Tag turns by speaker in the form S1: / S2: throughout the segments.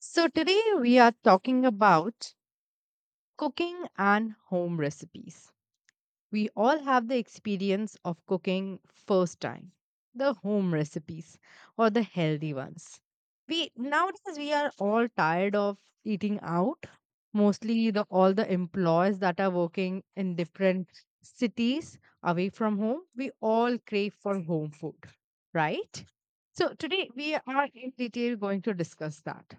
S1: So, today we are talking about cooking and home recipes. We all have the experience of cooking first time, the home recipes or the healthy ones. We nowadays we are all tired of eating out. Mostly the all the employees that are working in different cities away from home, we all crave for home food, right? So today we are in detail going to discuss that.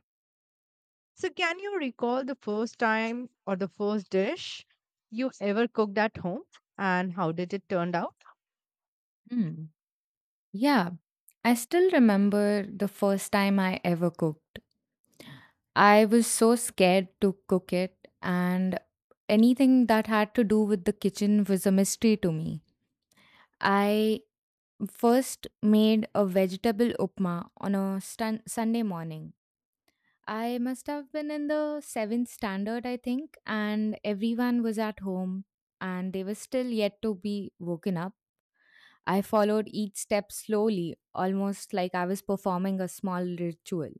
S1: So, can you recall the first time or the first dish you ever cooked at home and how did it turn out?
S2: Mm. Yeah. I still remember the first time I ever cooked. I was so scared to cook it, and anything that had to do with the kitchen was a mystery to me. I first made a vegetable upma on a Sunday morning. I must have been in the seventh standard, I think, and everyone was at home and they were still yet to be woken up. I followed each step slowly, almost like I was performing a small ritual.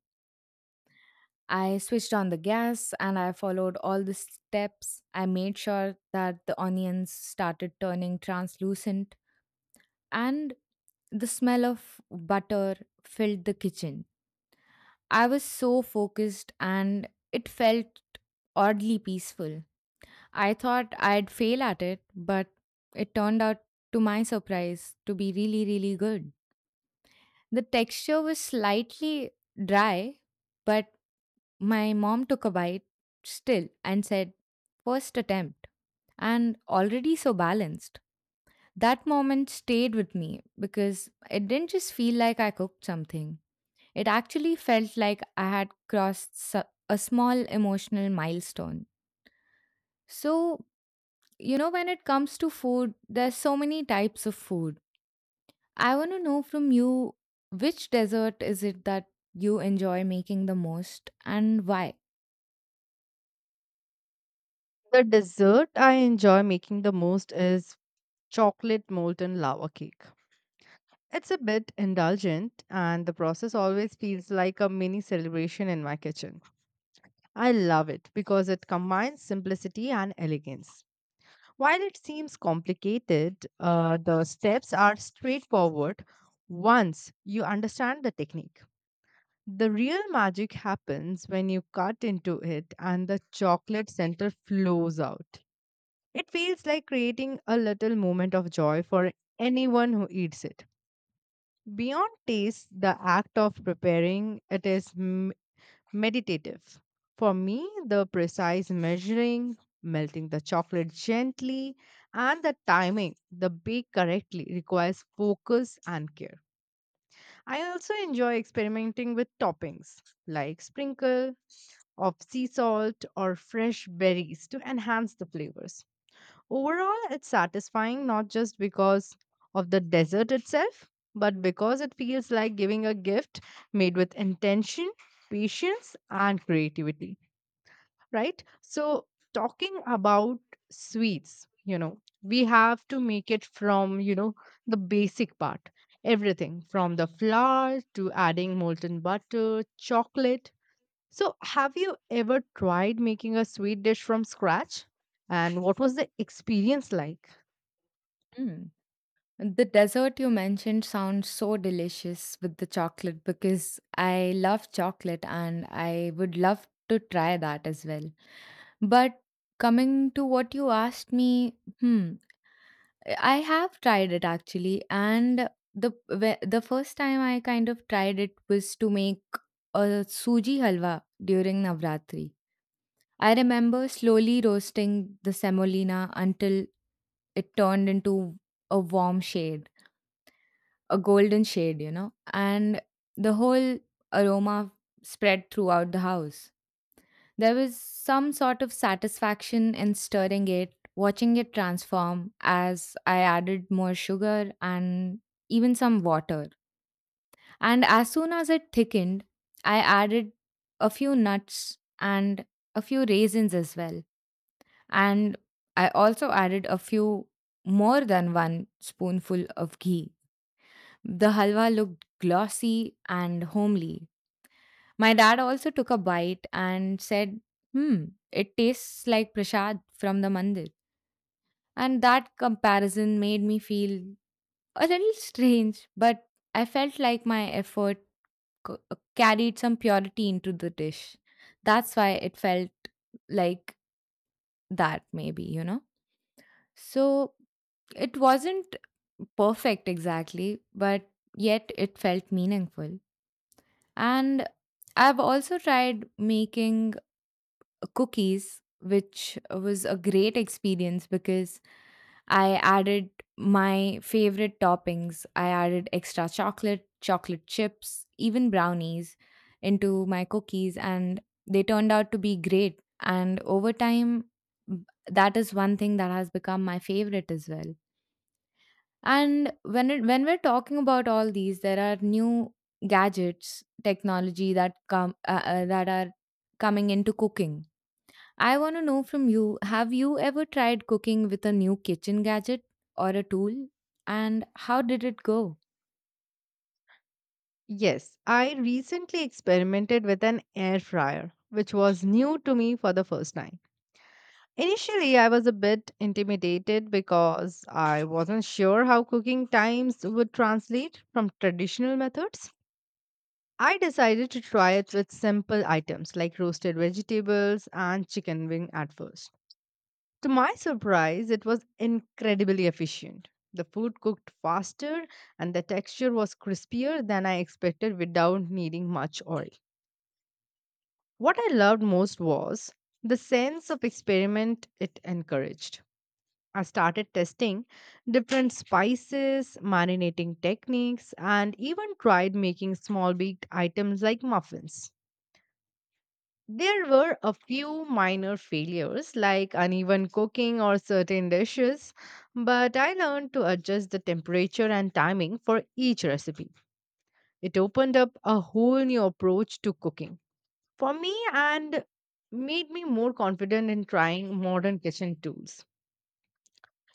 S2: I switched on the gas and I followed all the steps. I made sure that the onions started turning translucent and the smell of butter filled the kitchen. I was so focused and it felt oddly peaceful. I thought I'd fail at it, but it turned out, to my surprise, to be really, really good. The texture was slightly dry, but my mom took a bite still and said, "First attempt, and already so balanced." That moment stayed with me because it didn't just feel like I cooked something. It actually felt like I had crossed a small emotional milestone. So, when it comes to food, there's so many types of food I want to know from you which dessert is it that you enjoy making the most and why?
S1: The dessert I enjoy making the most is chocolate molten lava cake. It's a bit indulgent, and the process always feels like a mini celebration in my kitchen. I love it because it combines simplicity and elegance. While it seems complicated, the steps are straightforward once you understand the technique. The real magic happens when you cut into it and the chocolate center flows out. It feels like creating a little moment of joy for anyone who eats it. Beyond taste, the act of preparing it is meditative. For me, the precise measuring, melting the chocolate gently, and the timing, the bake correctly, requires focus and care. I also enjoy experimenting with toppings like sprinkle of sea salt or fresh berries to enhance the flavors. Overall, it's satisfying not just because of the dessert itself, but because it feels like giving a gift made with intention, patience, and creativity, right? So, talking about sweets, we have to make it from the basic part, everything from the flour to adding molten butter, chocolate, so, have you ever tried making a sweet dish from scratch? And what was the experience like?
S2: The dessert you mentioned sounds so delicious with the chocolate because I love chocolate and I would love to try that as well. But coming to what you asked me, I have tried it actually, and the first time I kind of tried it was to make a suji halwa during Navratri. I remember slowly roasting the semolina until it turned into a warm shade a golden shade, and the whole aroma spread throughout the house. There was some sort of satisfaction in stirring it, watching it transform as I added more sugar and even some water. And as soon as it thickened, I added a few nuts and a few raisins as well. And I also added a few more than one spoonful of ghee. The halwa looked glossy and homely. My dad also took a bite and said, "Hmm, it tastes like prasad from the mandir." And that comparison made me feel a little strange, but I felt like my effort carried some purity into the dish. That's why it felt like that, maybe, you know? So it wasn't perfect exactly, but yet it felt meaningful. And I've also tried making cookies, which was a great experience because I added my favorite toppings. I added extra chocolate, chocolate chips, even brownies into my cookies, and they turned out to be great. And over time, b- that is one thing that has become my favorite as well. And when we're talking about all these, there are new gadgets, technology that come that are coming into cooking. I want to know from you: Have you ever tried cooking with a new kitchen gadget or a tool, and how did it go?
S1: Yes, I recently experimented with an air fryer, which was new to me for the first time. Initially, I was a bit intimidated because I wasn't sure how cooking times would translate from traditional methods. I decided to try it with simple items like roasted vegetables and chicken wing at first. To my surprise, it was incredibly efficient. The food cooked faster and the texture was crispier than I expected without needing much oil. What I loved most was the sense of experiment it encouraged. I started testing different spices, marinating techniques, and even tried making small baked items like muffins. There were a few minor failures like uneven cooking or certain dishes, but I learned to adjust the temperature and timing for each recipe. It opened up a whole new approach to cooking for me and made me more confident in trying modern kitchen tools.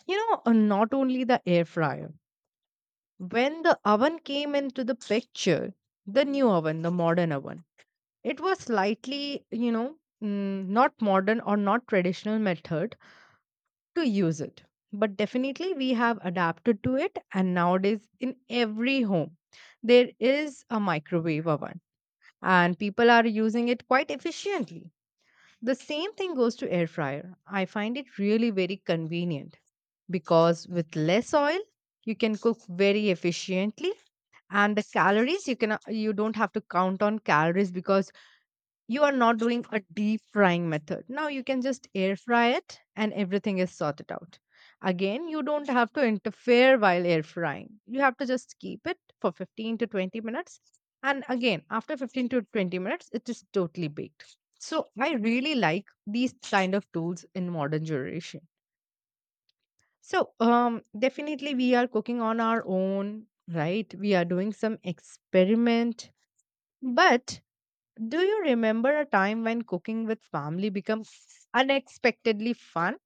S1: You know, not only the air fryer. When the oven came into the picture, the new oven, the modern oven, it was slightly, you know, not modern or not traditional method to use it. But definitely we have adapted to it, and nowadays in every home, there is a microwave oven, and people are using it quite efficiently. The same thing goes to air fryer. I find it really very convenient because with less oil, you can cook very efficiently, and the calories you don't have to count on calories because you are not doing a deep frying method. Now you can just air fry it and everything is sorted out. Again, you don't have to interfere while air frying. You have to just keep it for 15 to 20 minutes, and again after 15 to 20 minutes it is totally baked. So I really like these kind of tools in modern generation. So definitely we are cooking on our own, right? We are doing some experiment, but do you remember a time when cooking with family became unexpectedly fun?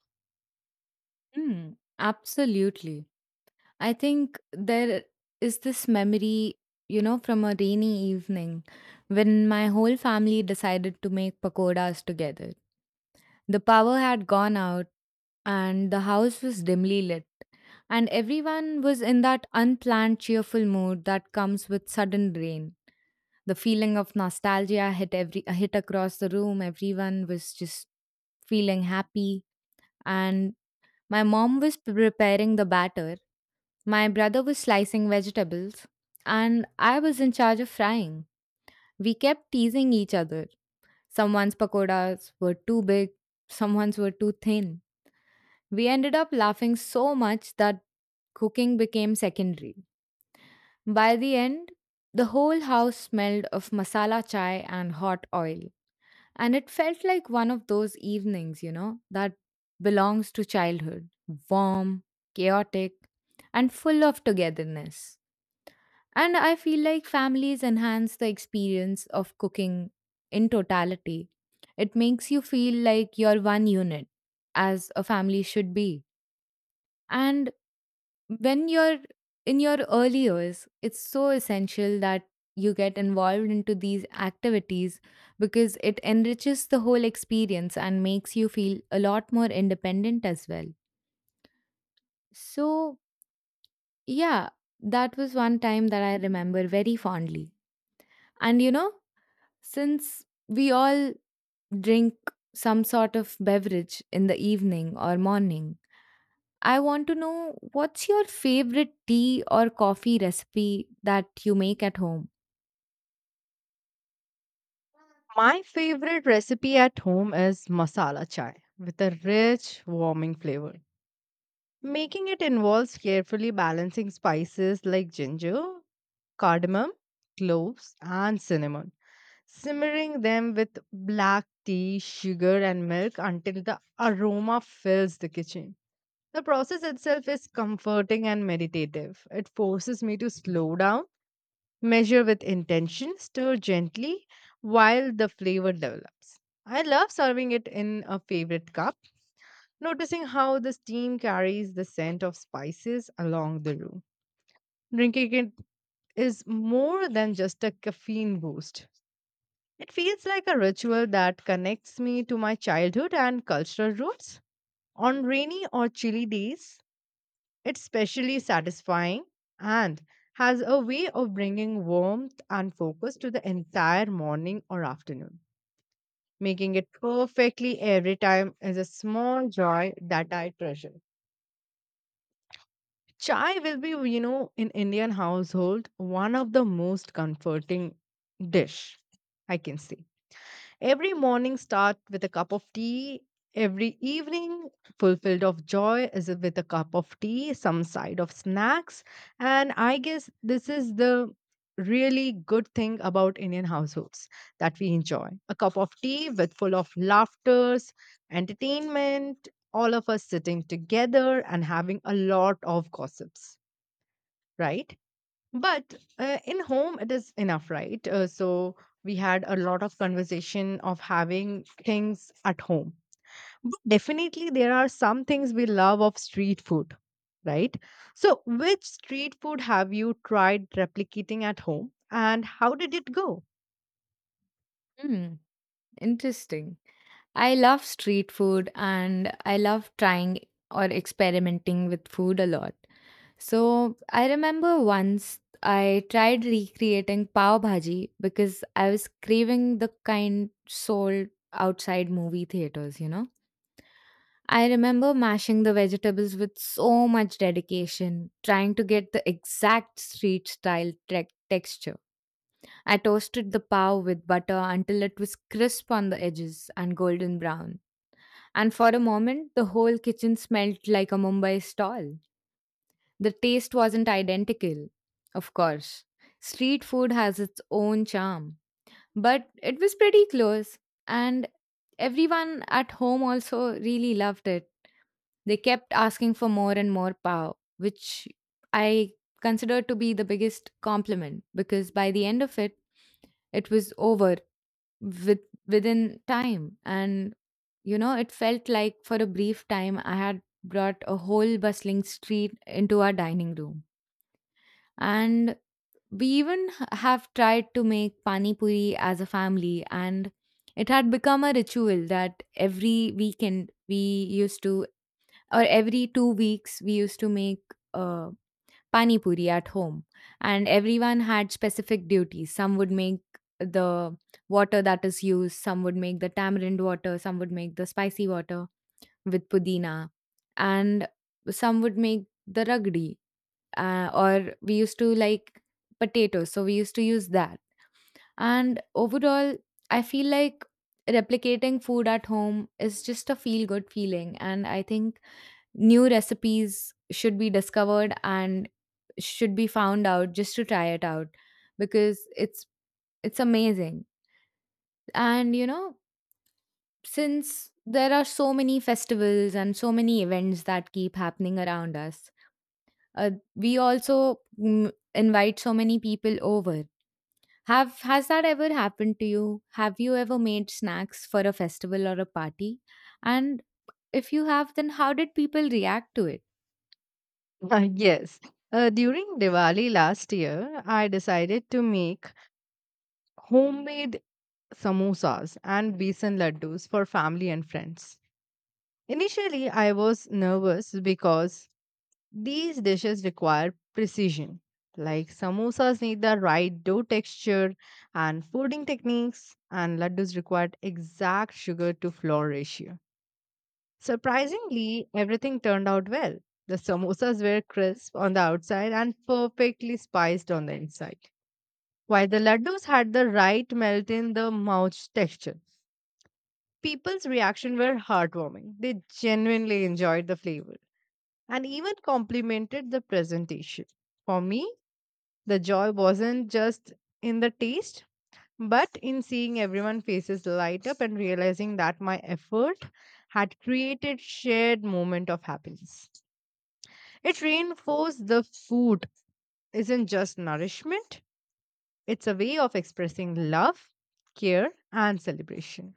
S2: Hmm. Absolutely. I think there is this memory, from a rainy evening when my whole family decided to make pakoras together. The power had gone out and the house was dimly lit, and everyone was in that unplanned, cheerful mood that comes with sudden rain. The feeling of nostalgia hit across the room. Everyone was just feeling happy and my mom was preparing the batter, my brother was slicing vegetables, and I was in charge of frying. We kept teasing each other. Someone's pakoras were too big, someone's were too thin. We ended up laughing so much that cooking became secondary. By the end, the whole house smelled of masala chai and hot oil. And it felt like one of those evenings, that belongs to childhood warm, chaotic, and full of togetherness. And I feel like families enhance the experience of cooking in totality. It makes you feel like you're one unit, as a family should be. And when you're in your early years, it's so essential that you get involved into these activities because it enriches the whole experience and makes you feel a lot more independent as well. So, yeah, that was one time that I remember very fondly. And since we all drink some sort of beverage in the evening or morning, I want to know what's your favorite tea or coffee recipe that you make at home?
S1: My favorite recipe at home is masala chai with a rich, warming flavor. Making it involves carefully balancing spices like ginger, cardamom, cloves, and cinnamon, simmering them with black tea, sugar, and milk until the aroma fills the kitchen. The process itself is comforting and meditative. It forces me to slow down, measure with intention, stir gently while the flavor develops. I love serving it in a favorite cup, noticing how the steam carries the scent of spices along the room. Drinking it is more than just a caffeine boost. It feels like a ritual that connects me to my childhood and cultural roots. On rainy or chilly days, it's specially satisfying and has a way of bringing warmth and focus to the entire morning or afternoon. Making it perfectly every time is a small joy that I treasure. Chai will be, you know, in Indian household, one of the most comforting dish, I can say. Every morning start with a cup of tea. Every evening fulfilled of joy is with a cup of tea, some side of snacks. And I guess this is the really good thing about Indian households that we enjoy. A cup of tea with full of laughters, entertainment, all of us sitting together and having a lot of gossips, right? But in home it is enough, right? So we had a lot of conversation of having things at home, but definitely there are some things we love of street food, right? So which street food have you tried replicating at home and how did it go?
S2: Hmm, interesting. I love street food and I love trying or experimenting with food a lot. So I remember once I tried recreating pav bhaji because I was craving the kind sold outside movie theaters. I remember mashing the vegetables with so much dedication, trying to get the exact street style texture. I toasted the pav with butter until it was crisp on the edges and golden brown. And for a moment, the whole kitchen smelled like a Mumbai stall. The taste wasn't identical, of course. Street food has its own charm, but it was pretty close, and everyone at home also really loved it. They kept asking for more and more power, which I consider to be the biggest compliment because by the end of it, it was over with within time. And it felt like for a brief time I had brought a whole bustling street into our dining room. And we even have tried to make pani puri as a family, and it had become a ritual that every weekend we used to, or every 2 weeks we used to make uh, pani puri at home. And everyone had specific duties. Some would make the water that is used, some would make the tamarind water, some would make the spicy water with pudina, and some would make the ragdi, or we used to like potatoes, so we used to use that. And overall, I feel like replicating food at home is just a feel good feeling, and I think new recipes should be discovered and should be found out just to try it out because it's amazing. And since there are so many festivals and so many events that keep happening around us, we also invite so many people over. Have has that ever happened to you? Have you ever made snacks for a festival or a party? And if you have, then how did people react to it?
S1: Yes, during Diwali last year I decided to make homemade samosas and besan laddus for family and friends. Initially, I was nervous because these dishes require precision. Like samosas need the right dough texture and folding techniques, and laddus required exact sugar to flour ratio. Surprisingly, everything turned out well. The samosas were crisp on the outside and perfectly spiced on the inside, while the laddus had the right melt in the mouth texture. People's reaction were heartwarming. They genuinely enjoyed the flavor and even complimented the presentation. For me, the joy wasn't just in the taste, but in seeing everyone faces light up and realizing that my effort had created shared moment of happiness. It reinforced the food isn't just nourishment, it's a way of expressing love, care and celebration.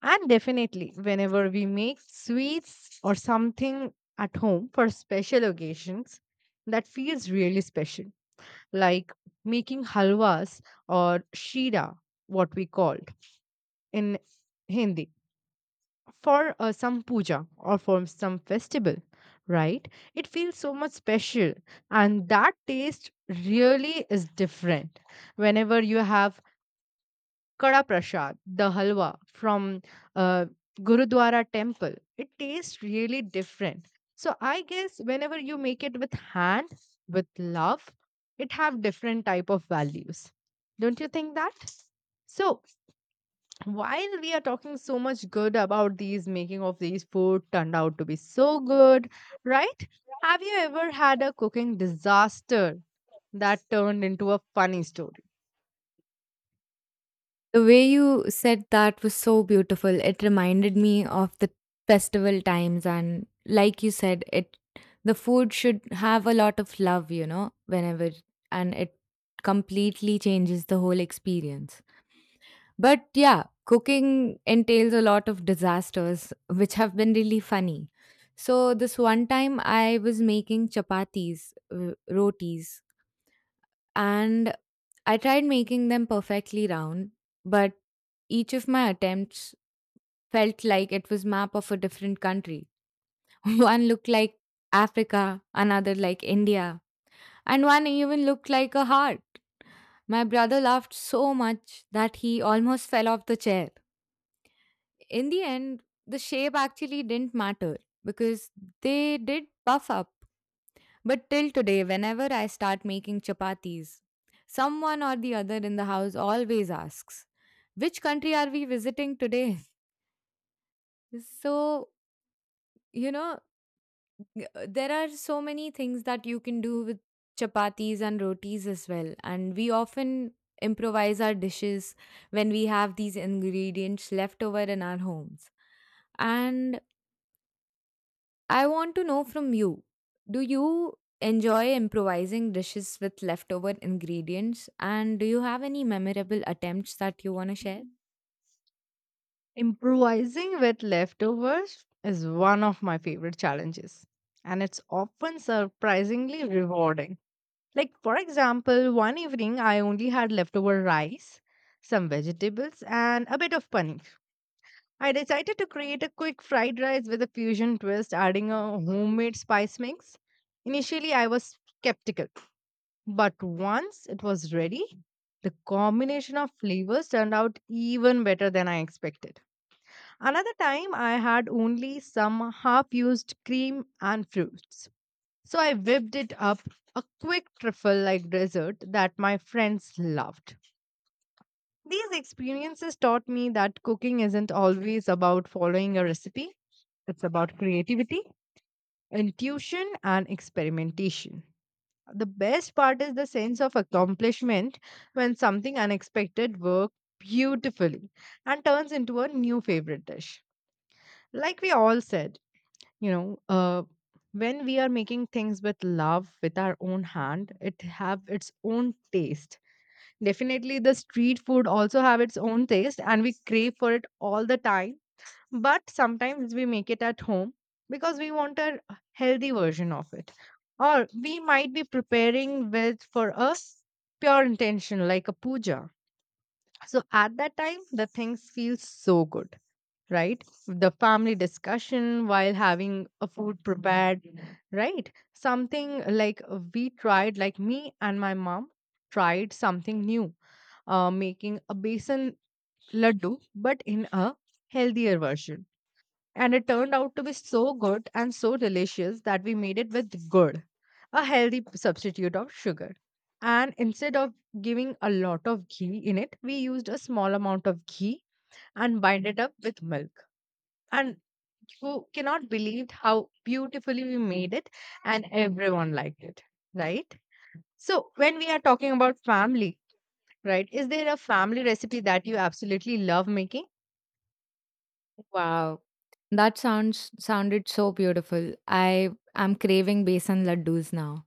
S1: And definitely, whenever we make sweets or something at home for special occasions, that feels really special, like making halwas or shira, what we called in Hindi, for some puja or for some festival, right? It feels so much special, and that taste really is different whenever you have Kada Prasad, the halwa from uh, Gurudwara temple. It tastes really different. So I guess whenever you make it with hand, with love, it have different type of values. Don't you think that? So while we are talking so much good about these making of these food turned out to be so good, right? Have you ever had a cooking disaster that turned into a funny story?
S2: The way you said that was so beautiful. It reminded me of the festival times, and like you said, it the food should have a lot of love, whenever, and it completely changes the whole experience. But yeah, cooking entails a lot of disasters which have been really funny. So this one time I was making chapatis, rotis, and I tried making them perfectly round, but each of my attempts felt like it was map of a different country. One looked like Africa, another like India, and one even looked like a heart. My brother laughed so much that he almost fell off the chair. In the end, the shape actually didn't matter because they did puff up. But till today, whenever I start making chapatis, someone or the other in the house always asks, "Which country are we visiting today?" So, you know, there are so many things that you can do with chapatis and rotis as well. And we often improvise our dishes when we have these ingredients left over in our homes. And I want to know from you, do you enjoy improvising dishes with leftover ingredients? And do you have any memorable attempts that you want to share?
S1: Improvising with leftovers is one of my favorite challenges, and it's often surprisingly rewarding. Like, for example, one evening I only had leftover rice, some vegetables, and a bit of paneer. I decided to create a quick fried rice with a fusion twist, adding a homemade spice mix. Initially, I was skeptical, but once it was ready, the combination of flavors turned out even better than I expected. Another time, I had only some half used cream and fruits. So I whipped it up a quick trifle like dessert that my friends loved. These experiences taught me that cooking isn't always about following a recipe, it's about creativity, intuition, and experimentation. The best part is the sense of accomplishment when something unexpected works beautifully and turns into a new favorite dish. Like we all said, you know uh, when we are making things with love with our own hand it have its own taste. Definitely the street food also have its own taste and we crave for it all the time, but sometimes we make it at home because we want a healthy version of it, or we might be preparing with for us pure intention like a puja. So at that time the things feel so good, right? The family discussion while having a food prepared, right? Something like we tried, like me and my mom tried something new, making a besan laddu, but in a healthier version. And it turned out to be so good and so delicious that we made it with good, a healthy substitute of sugar. And instead of giving a lot of ghee in it, we used a small amount of ghee and bind it up with milk, and who cannot believe how beautifully we made it, and everyone liked it, right? So, when we are talking about family, right, is there a family recipe that you absolutely love making?
S2: Wow. That sounds sounded so beautiful. I am craving besan laddus now.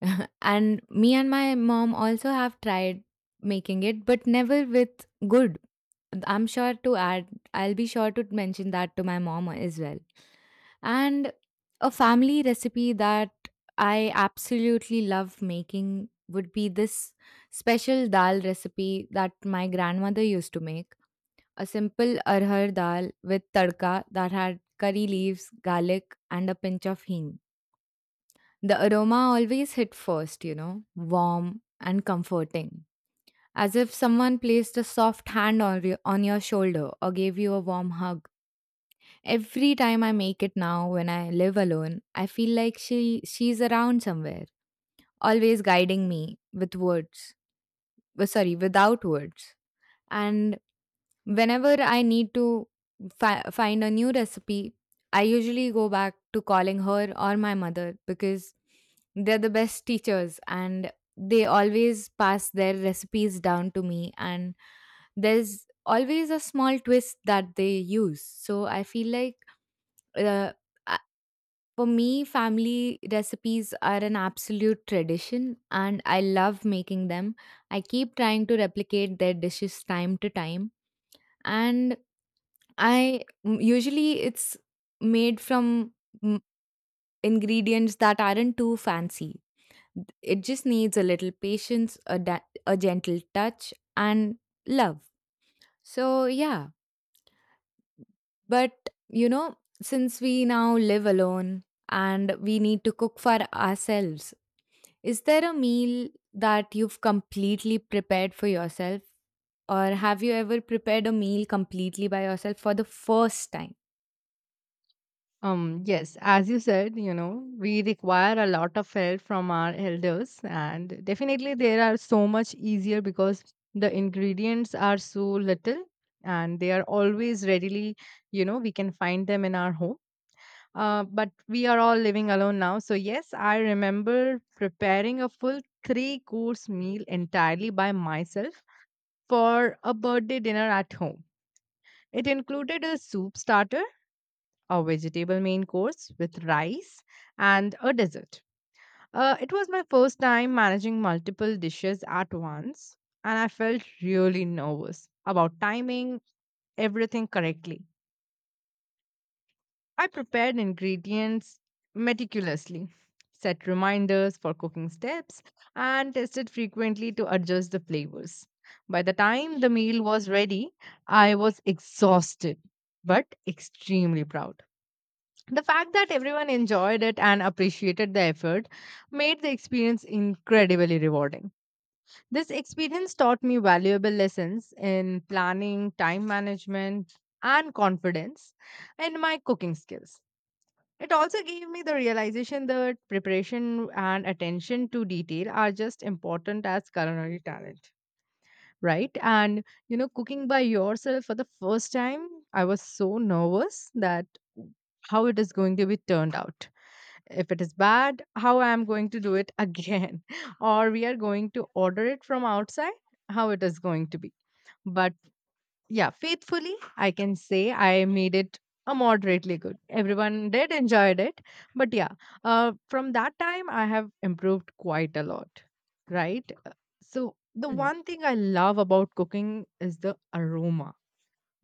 S2: And me and my mom also have tried making it, but never with good. I'm sure to add I'll be sure to mention that to my mom as well. And a family recipe that I absolutely love making would be this special dal recipe that my grandmother used to make. A simple arhar dal with tadka that had curry leaves, garlic, and a pinch of hing. The aroma always hit first, warm and comforting, as if someone placed a soft hand on your shoulder or gave you a warm hug. Every time I make it now when I live alone, I feel like she's around somewhere, always guiding me with words. Well, sorry, without words. And whenever I need to find a new recipe, I usually go back to calling her or my mother because they're the best teachers, and they always pass their recipes down to me. And there's always a small twist that they use. So I feel like uh, a- for me, family recipes are an absolute tradition and I love making them. I keep trying to replicate their dishes time to time and usually it's made from mm, ingredients that aren't too fancy. It just needs a little patience, a gentle touch and love. So yeah, but you know, since we now live alone and we need to cook for ourselves, is there a meal that you've completely prepared for yourself, or have you ever prepared a meal completely by yourself for the first time?
S1: Yes, as you said, we require a lot of help from our elders, and definitely they are so much easier because the ingredients are so little and they are always readily, we can find them in our home. But we are all living alone now. So, yes, I remember preparing a full three course meal entirely by myself for a birthday dinner at home. It included a soup starter, a vegetable main course with rice, and a dessert. It was my first time managing multiple dishes at once, and I felt really nervous about timing everything correctly. I prepared ingredients meticulously, set reminders for cooking steps, and tested frequently to adjust the flavors. By the time the meal was ready, I was exhausted but extremely proud. The fact that everyone enjoyed it and appreciated the effort made the experience incredibly rewarding. This experience taught me valuable lessons in planning, time management, and confidence in my cooking skills. It also gave me the realization that preparation and attention to detail are just important as culinary talent, right? And cooking by yourself for the first time, I was so nervous that how it is going to be turned out. If it is bad, how I am going to do it again, or we are going to order it from outside, how it is going to be. But yeah, faithfully, I can say I made it a moderately good. Everyone did enjoyed it, but yeah, from that time I have improved quite a lot, right? So the
S2: Hmm.
S1: one thing I love about cooking is the aroma,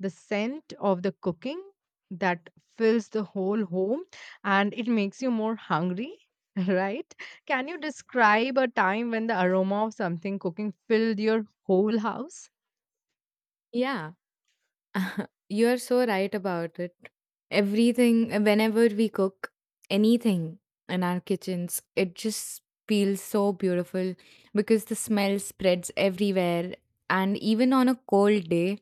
S1: the scent of the cooking that fills the whole home, and it makes you more hungry. Right? Can you describe a time when the aroma of something cooking filled your whole house?
S2: Yeah, you're so right about it. Everything, whenever we cook anything in our kitchens, it just feels so beautiful, because the smell spreads everywhere. And even on a cold day,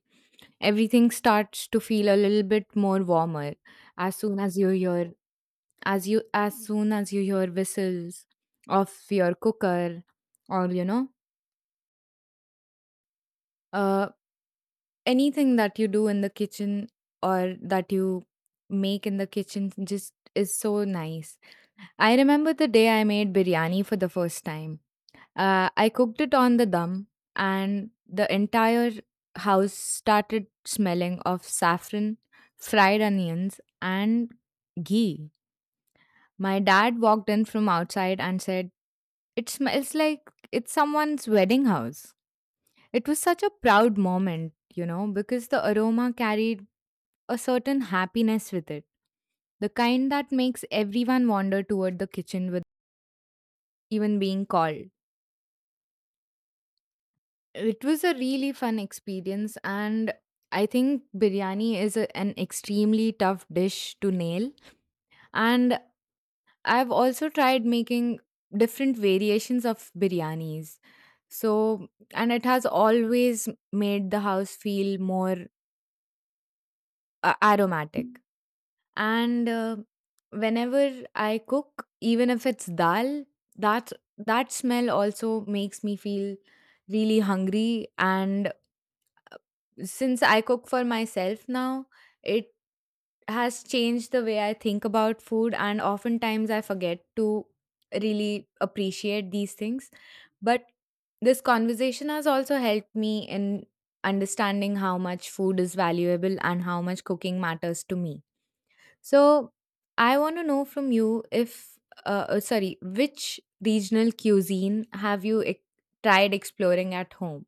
S2: everything starts to feel a little bit more warmer as soon as you hear, as soon as you hear whistles of your cooker, or you know, uh anything that you do in the kitchen or that you make in the kitchen just is so nice. I remember the day I made biryani for the first time. I cooked it on the dum, and the entire house started smelling of saffron, fried onions, and ghee. My dad walked in from outside and said, "It smells like it's someone's wedding house." It was such a proud moment, you know, because the aroma carried a certain happiness with it, the kind that makes everyone wander toward the kitchen without even being called. It was a really fun experience, and I think biryani is an extremely tough dish to nail. And I've also tried making different variations of biryanis. So, and it has always made the house feel more aromatic. And whenever I cook, even if it's dal, that that smell also makes me feel really hungry. And since I cook for myself now, it has changed the way I think about food, and oftentimes I forget to really appreciate these things. But this conversation has also helped me in understanding how much food is valuable and how much cooking matters to me. So I want to know from you if, which regional cuisine have you tried exploring at home?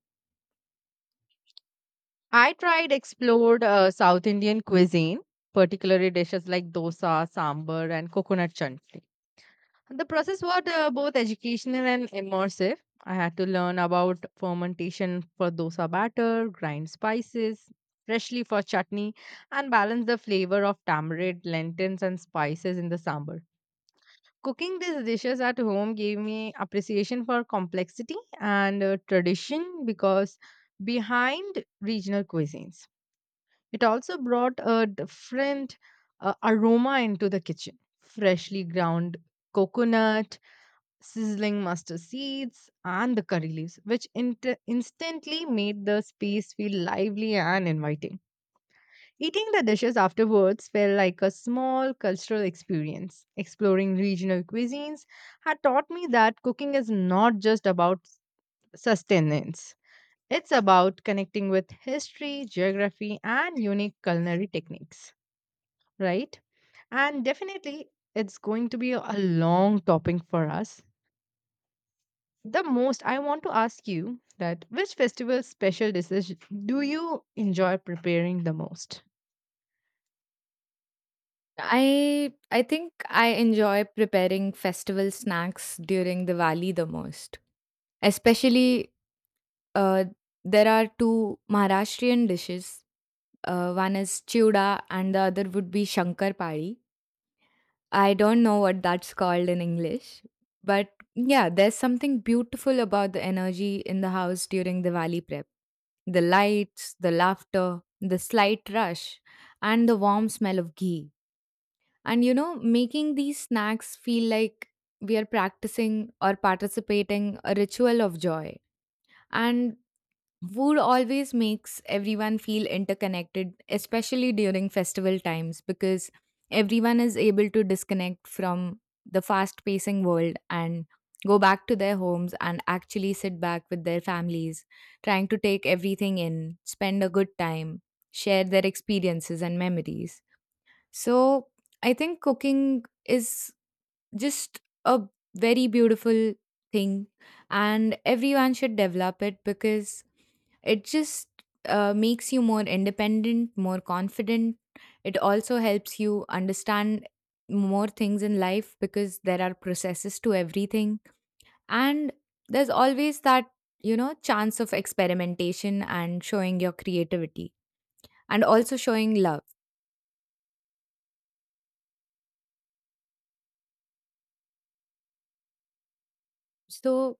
S1: I tried explored South Indian cuisine, particularly dishes like dosa, sambar, and coconut chutney. The process was both educational and immersive. I had to learn about fermentation for dosa batter, grind spices freshly for chutney, and balance the flavor of tamarind, lentils, and spices in the sambar. Cooking these dishes at home gave me appreciation for complexity and tradition because behind regional cuisines. It also brought a different aroma into the kitchen. Freshly ground coconut, sizzling mustard seeds, and the curry leaves, which instantly made the space feel lively and inviting. Eating the dishes afterwards felt like a small cultural experience. Exploring regional cuisines had taught me that cooking is not just about sustenance. It's about connecting with history, geography, and unique culinary techniques, right? And definitely, it's going to be a long topic for us. The most I want to ask you that which festival special dishes do you enjoy preparing the most?
S2: I think I enjoy preparing festival snacks during Diwali the most. Especially, uh, there are two Maharashtrian dishes. One is chuda and the other would be shankar pari. I don't know what that's called in English, but yeah, there's something beautiful about the energy in the house during the valley prep. The lights, the laughter, the slight rush, and the warm smell of ghee. And you know, making these snacks feel like we are practicing or participating a ritual of joy. And food always makes everyone feel interconnected, especially during festival times, because everyone is able to disconnect from the fast pacing world and go back to their homes and actually sit back with their families, trying to take everything in, spend a good time, share their experiences and memories. So I think cooking is just a very beautiful thing, and everyone should develop it, because it just makes you more independent, more confident. It also helps you understand more things in life, because there are processes to everything, and there's always that, you know, chance of experimentation and showing your creativity and also showing love, so